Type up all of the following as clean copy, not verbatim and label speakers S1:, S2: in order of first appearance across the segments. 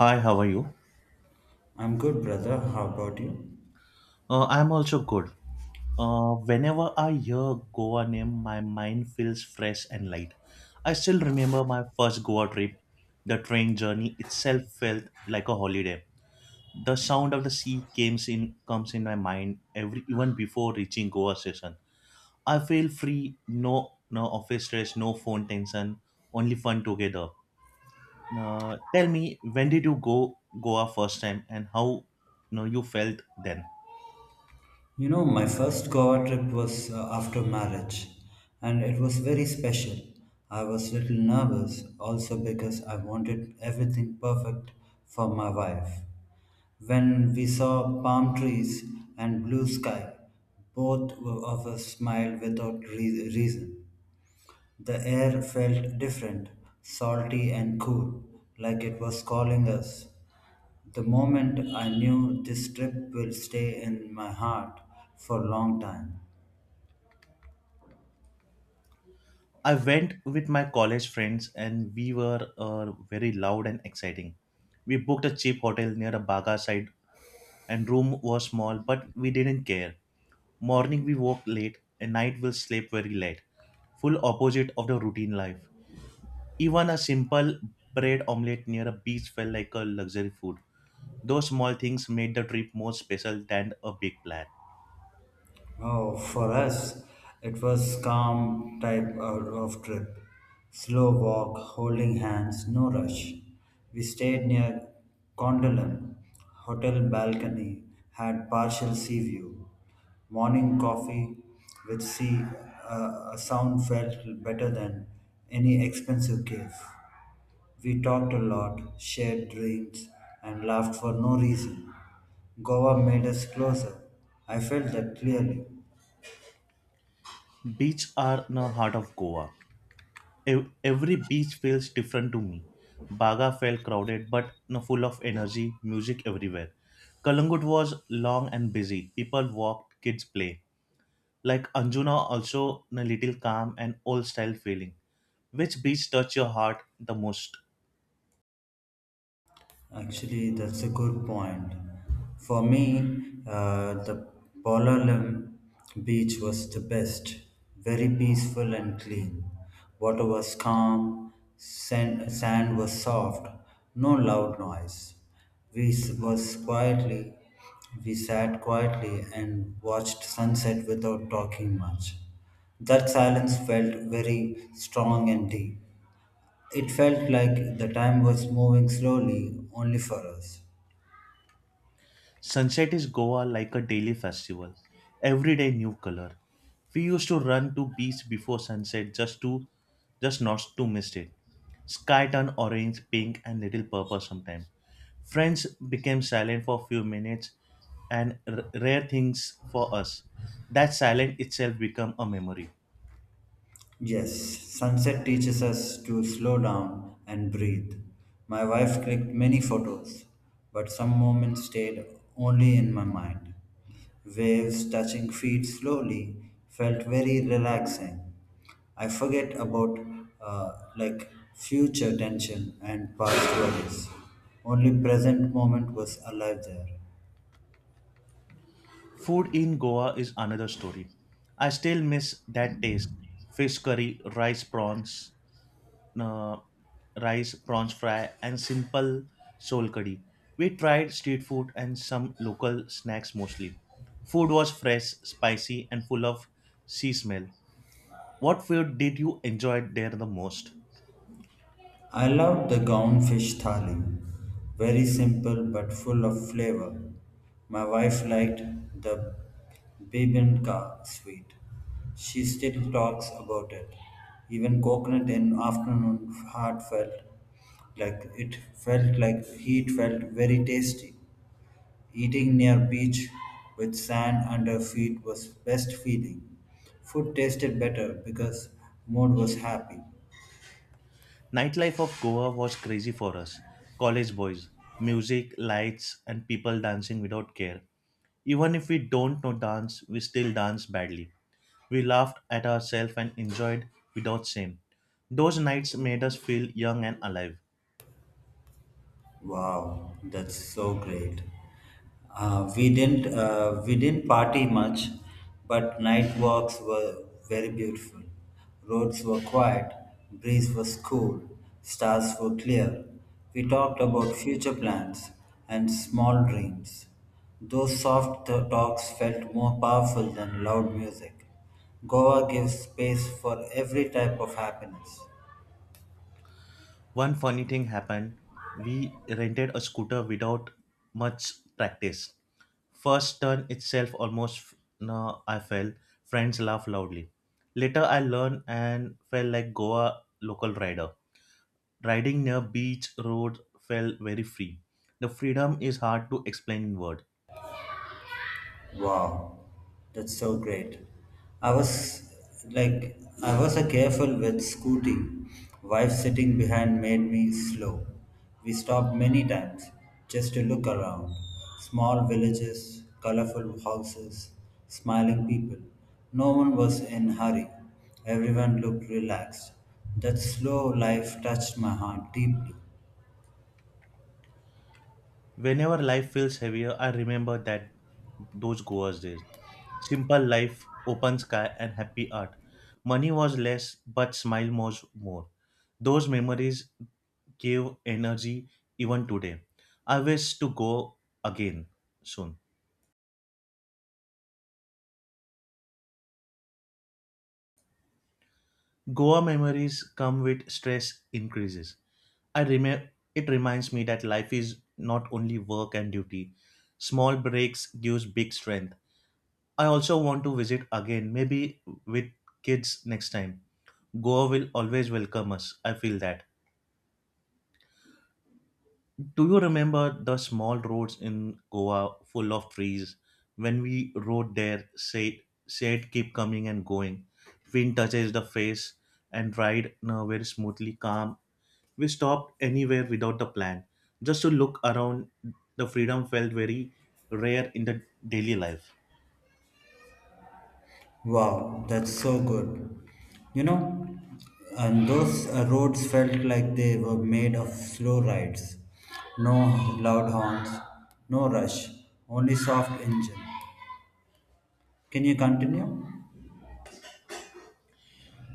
S1: Hi, how are you?
S2: I'm good, brother. How about you?
S1: I'm also good. Whenever I hear Goa name, my mind feels fresh and light. I still remember my first Goa trip. The train journey itself felt like a holiday. The sound of the sea comes in my mind every even before reaching Goa station. I feel free, no office stress, no phone tension, only fun together. Tell me, when did you go Goa first time, and how you felt then?
S2: You know, my first Goa trip was after marriage, and it was very special. I was little nervous also because I wanted everything perfect for my wife. When we saw palm trees and blue sky, both of us smiled without reason. The air felt different, salty and cool, like it was calling us. The moment I knew this trip will stay in my heart for a long time.
S1: I went with my college friends and we were very loud and exciting. We booked a cheap hotel near a Baga side and room was small but we didn't care. Morning we woke late and night we slept very late. Full opposite of the routine life. Even a simple bread omelette near a beach felt like a luxury food. Those small things made the trip more special than a big plan.
S2: Oh, for us, it was calm type of trip. Slow walk, holding hands, no rush. We stayed near Gondolin, hotel balcony, had partial sea view. Morning coffee with sea, a sound felt better than any expensive cave. We talked a lot, shared dreams, and laughed for no reason. Goa made us closer. I felt that clearly.
S1: Beach are in the heart of Goa. Every beach feels different to me. Baga felt crowded but full of energy, music everywhere. Kalangut was long and busy. People walked, kids play. Like Anjuna, also a little calm and old style feeling. Which beach touched your heart the most?
S2: Actually, that's a good point. For me, the Pololem beach was the best, very peaceful and clean. Water was calm, sand was soft, no loud noise. We s- was quietly, we sat quietly and watched sunset without talking much. That silence felt very strong and deep. It felt like the time was moving slowly only for us.
S1: Sunset is Goa like a daily festival. Every day new color. We used to run to beach before sunset just not to miss it. Sky turned orange, pink and little purple sometime. Friends became silent for few minutes and rare things for us. That silence itself become a memory.
S2: Yes, sunset teaches us to slow down and breathe. My wife clicked many photos, but some moments stayed only in my mind. Waves touching feet slowly felt very relaxing. I forget about like future tension and past worries. Only present moment was alive there.
S1: Food in Goa is another story. I still miss that taste. Fish curry, uh, rice, prawns fry, and simple soul curry. We tried street food and some local snacks mostly. Food was fresh, spicy, and full of sea smell. What food did you enjoy there the most?
S2: I loved the gown fish thali, very simple but full of flavor. My wife liked the bibimbap sweet. She still talks about it. Even coconut in afternoon heart felt like heat felt very tasty. Eating near beach with sand under feet was best feeling. Food tasted better because mood was happy.
S1: Nightlife of Goa was crazy for us. College boys, music, lights, and people dancing without care. Even if we don't know dance, we still dance badly. We laughed at ourselves and enjoyed without shame. Those nights made us feel young and alive.
S2: Wow, that's so great. We didn't party much, but night walks were very beautiful. Roads were quiet, breeze was cool, stars were clear. We talked about future plans and small dreams. Those soft talks felt more powerful than loud music. Goa gives space for every type of happiness.
S1: One funny thing happened. We rented a scooter without much practice. First turn itself almost no, I fell. Friends laugh loudly. Later I learned and felt like Goa local rider. Riding near beach road felt very free. The freedom is hard to explain in word.
S2: Wow, that's so great. I was I was a careful with scooting. Wife sitting behind made me slow. We stopped many times just to look around. Small villages, colorful houses, smiling people. No one was in hurry. Everyone looked relaxed. That slow life touched my heart deeply.
S1: Whenever life feels heavier, I remember that those Goa's days. Simple life, open sky, and happy art. Money was less, but smile was more. Those memories gave energy even today. I wish to go again soon. Goa memories come with stress increases. I remember it reminds me that life is not only work and duty. Small breaks gives big strength. I also want to visit again, maybe with kids next time. Goa will always welcome us. I feel that. Do you remember the small roads in Goa full of trees? When we rode there, said keep coming and going. Wind touches the face and ride now very smoothly, calm. We stopped anywhere without the plan. Just to look around, the freedom felt very rare in the daily life.
S2: Wow, that's so good. You know, and those roads felt like they were made of slow rides. No loud horns, no rush, only soft engine. Can you continue?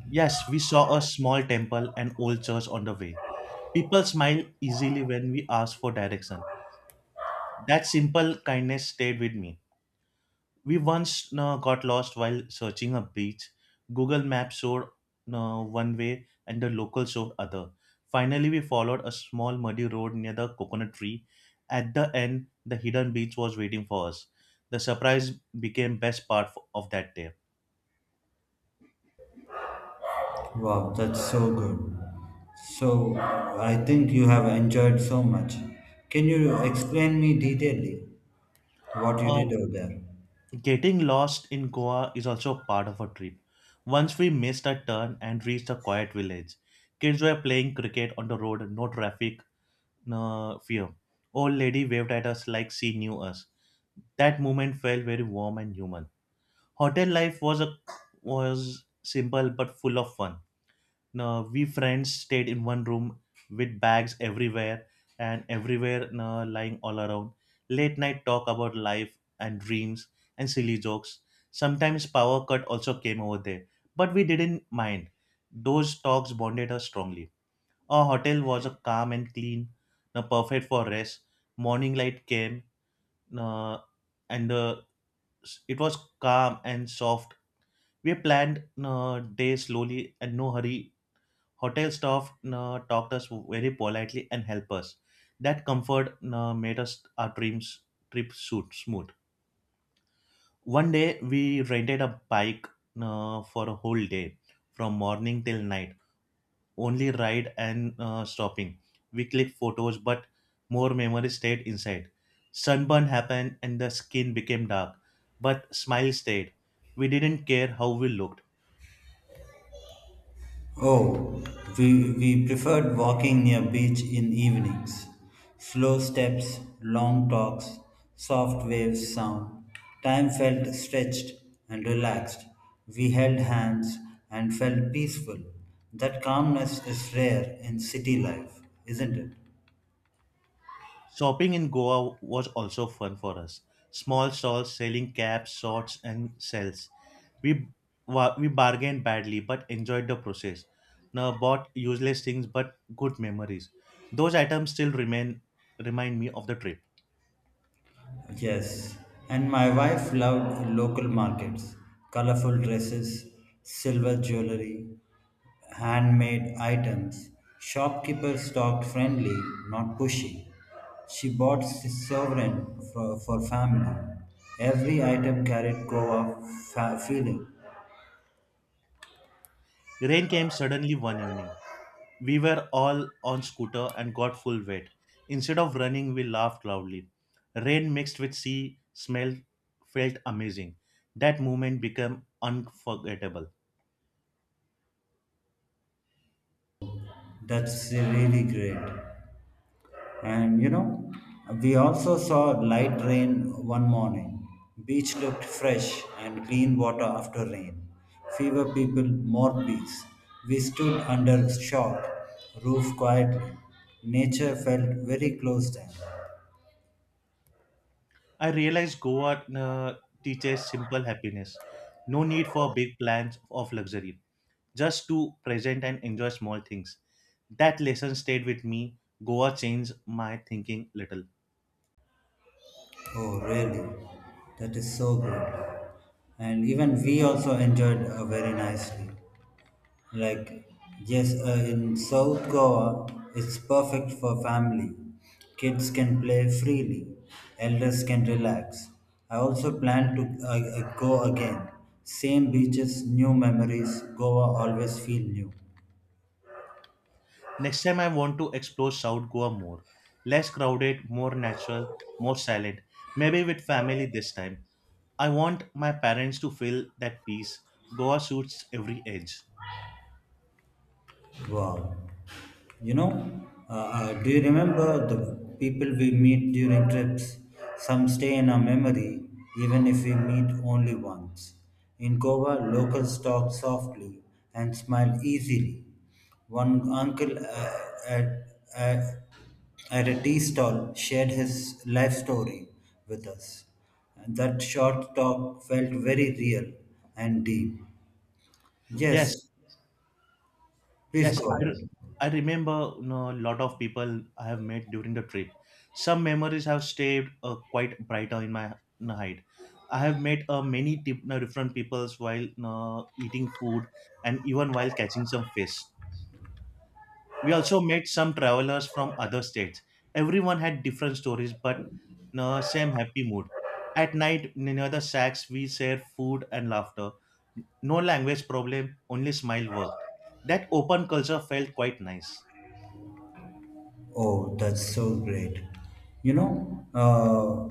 S1: Yes, we saw a small temple and old church on the way. People smile easily when we ask for direction. That simple kindness stayed with me. We once got lost while searching a beach. Google Maps showed one way and the local showed other. Finally, we followed a small muddy road near the coconut tree. At the end, the hidden beach was waiting for us. The surprise became best part of that day.
S2: Wow, that's so good. So, I think you have enjoyed so much. Can you explain me detailedly what you
S1: Uh,
S2: did over there?
S1: Getting lost in Goa is also part of a trip. Once we missed a turn and reached a quiet village. Kids were playing cricket on the road, no traffic, no fear. Old lady waved at us like she knew us. That moment felt very warm and human. Hotel life was a was simple but full of fun no, we friends stayed in one room with bags everywhere no, lying all around. Late night talk about life and dreams and silly jokes. Sometimes power cut also came over there, but we didn't mind. Those talks bonded us strongly. Our hotel was a calm and clean, no, perfect for rest. Morning light came, no, and the it was calm and soft. We planned no day slowly and no hurry. Hotel staff talked us very politely and helped us. That comfort made us our dreams trip suit smooth. One day we rented a bike for a whole day, from morning till night. Only ride and stopping. We clicked photos, but more memories stayed inside. Sunburn happened and the skin became dark, but smile stayed. We didn't care how we looked.
S2: Oh, we preferred walking near beach in evenings. Slow steps, long talks, soft waves sound. Time felt stretched and relaxed. We held hands and felt peaceful. That calmness is rare in city life, isn't it?
S1: Shopping in Goa was also fun for us. Small stalls selling caps, shorts, and shells. We we bargained badly but enjoyed the process. Now bought useless things but good memories. Those items still remain remind me of the trip.
S2: Yes, and my wife loved local markets, colorful dresses, silver jewelry, handmade items. Shopkeepers talked friendly, not pushy. She bought sovereign for family. Every item carried Goa feeling.
S1: Rain came suddenly one evening. We were all on scooter and got full wet. Instead of running, we laughed loudly. Rain mixed with sea smell felt amazing. That moment became unforgettable.
S2: That's really great. And you know, we also saw light rain one morning. Beach looked fresh and clean water after rain. Fewer people, more peace. We stood under shock, roof quietly. Nature felt very close then.
S1: I realized Goa teaches simple happiness. No need for big plans of luxury, just to present and enjoy small things. That lesson stayed with me. Goa changed my thinking little.
S2: Oh, really? That is so good. And even we also enjoyed very nicely. Like, yes, in South Goa, it's perfect for family. Kids can play freely, elders can relax. I also plan to go again. Same beaches, new memories, Goa always feel new.
S1: Next time I want to explore South Goa more. Less crowded, more natural, more silent. Maybe with family this time. I want my parents to feel that peace. Goa suits every age.
S2: Wow. You know, do you remember the people we meet during trips? Some stay in our memory, even if we meet only once. In Goa, locals talk softly and smile easily. One uncle at, at, at a tea stall shared his life story with us. And that short talk felt very real and deep.
S1: Yes,
S2: Yes, please
S1: Yes,
S2: go
S1: I,
S2: ahead.
S1: re- I remember a lot of people I have met during the trip. Some memories have stayed quite brighter in my hide. I have met many tip, different peoples while eating food and even while catching some fish. We also met some travelers from other states. Everyone had different stories, but no, same happy mood. At night, near the shacks, we shared food and laughter. No language problem, only smile worked. That open culture felt quite nice.
S2: Oh, that's so great. You know,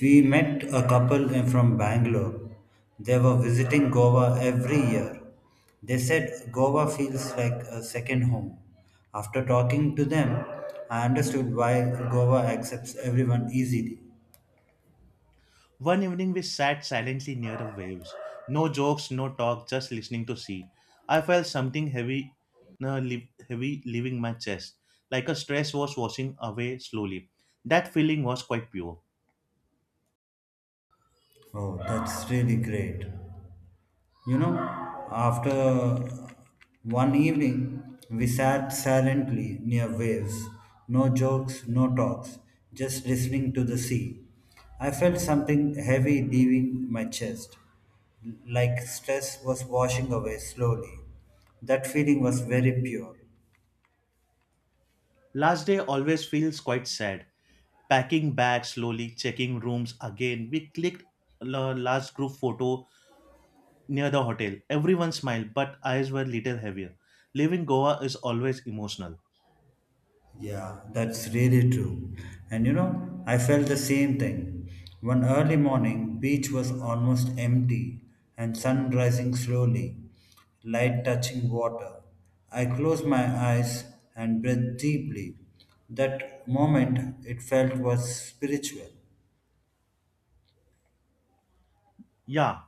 S2: we met a couple from Bangalore. They were visiting Goa every year. They said Goa feels like a second home. After talking to them, I understood why Goa accepts everyone easily.
S1: One evening, we sat silently near the waves. No jokes, no talk, just listening to sea. I felt something heavy, no, li- heavy leaving my chest, like a stress was washing away slowly. That feeling was quite pure.
S2: Oh, that's really great. You know, after one evening, we sat silently near waves. No jokes, no talks, just listening to the sea. I felt something heavy leaving my chest, like stress was washing away slowly. That feeling was very pure.
S1: Last day always feels quite sad. Packing bags slowly, checking rooms again. We clicked last group photo near the hotel. Everyone smiled, but eyes were little heavier. Leaving Goa is always emotional.
S2: Yeah, that's really true. And you know, I felt the same thing. One early morning, beach was almost empty and sun rising slowly, light touching water. I closed my eyes and breathed deeply. That moment it felt was spiritual.
S1: Yeah,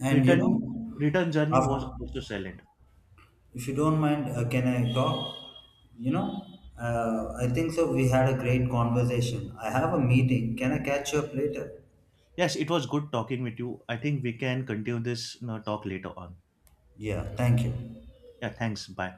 S2: And you
S1: returning
S2: know,
S1: return journey was
S2: after,
S1: also silent.
S2: if you don't mind, can I talk? You know, I think so. We had a great conversation. I have a meeting. Can I catch you up later?
S1: Yes, it was good talking with you, I think we can continue this you know, talk later on.
S2: Yeah, thank you.
S1: Yeah, thanks. Bye.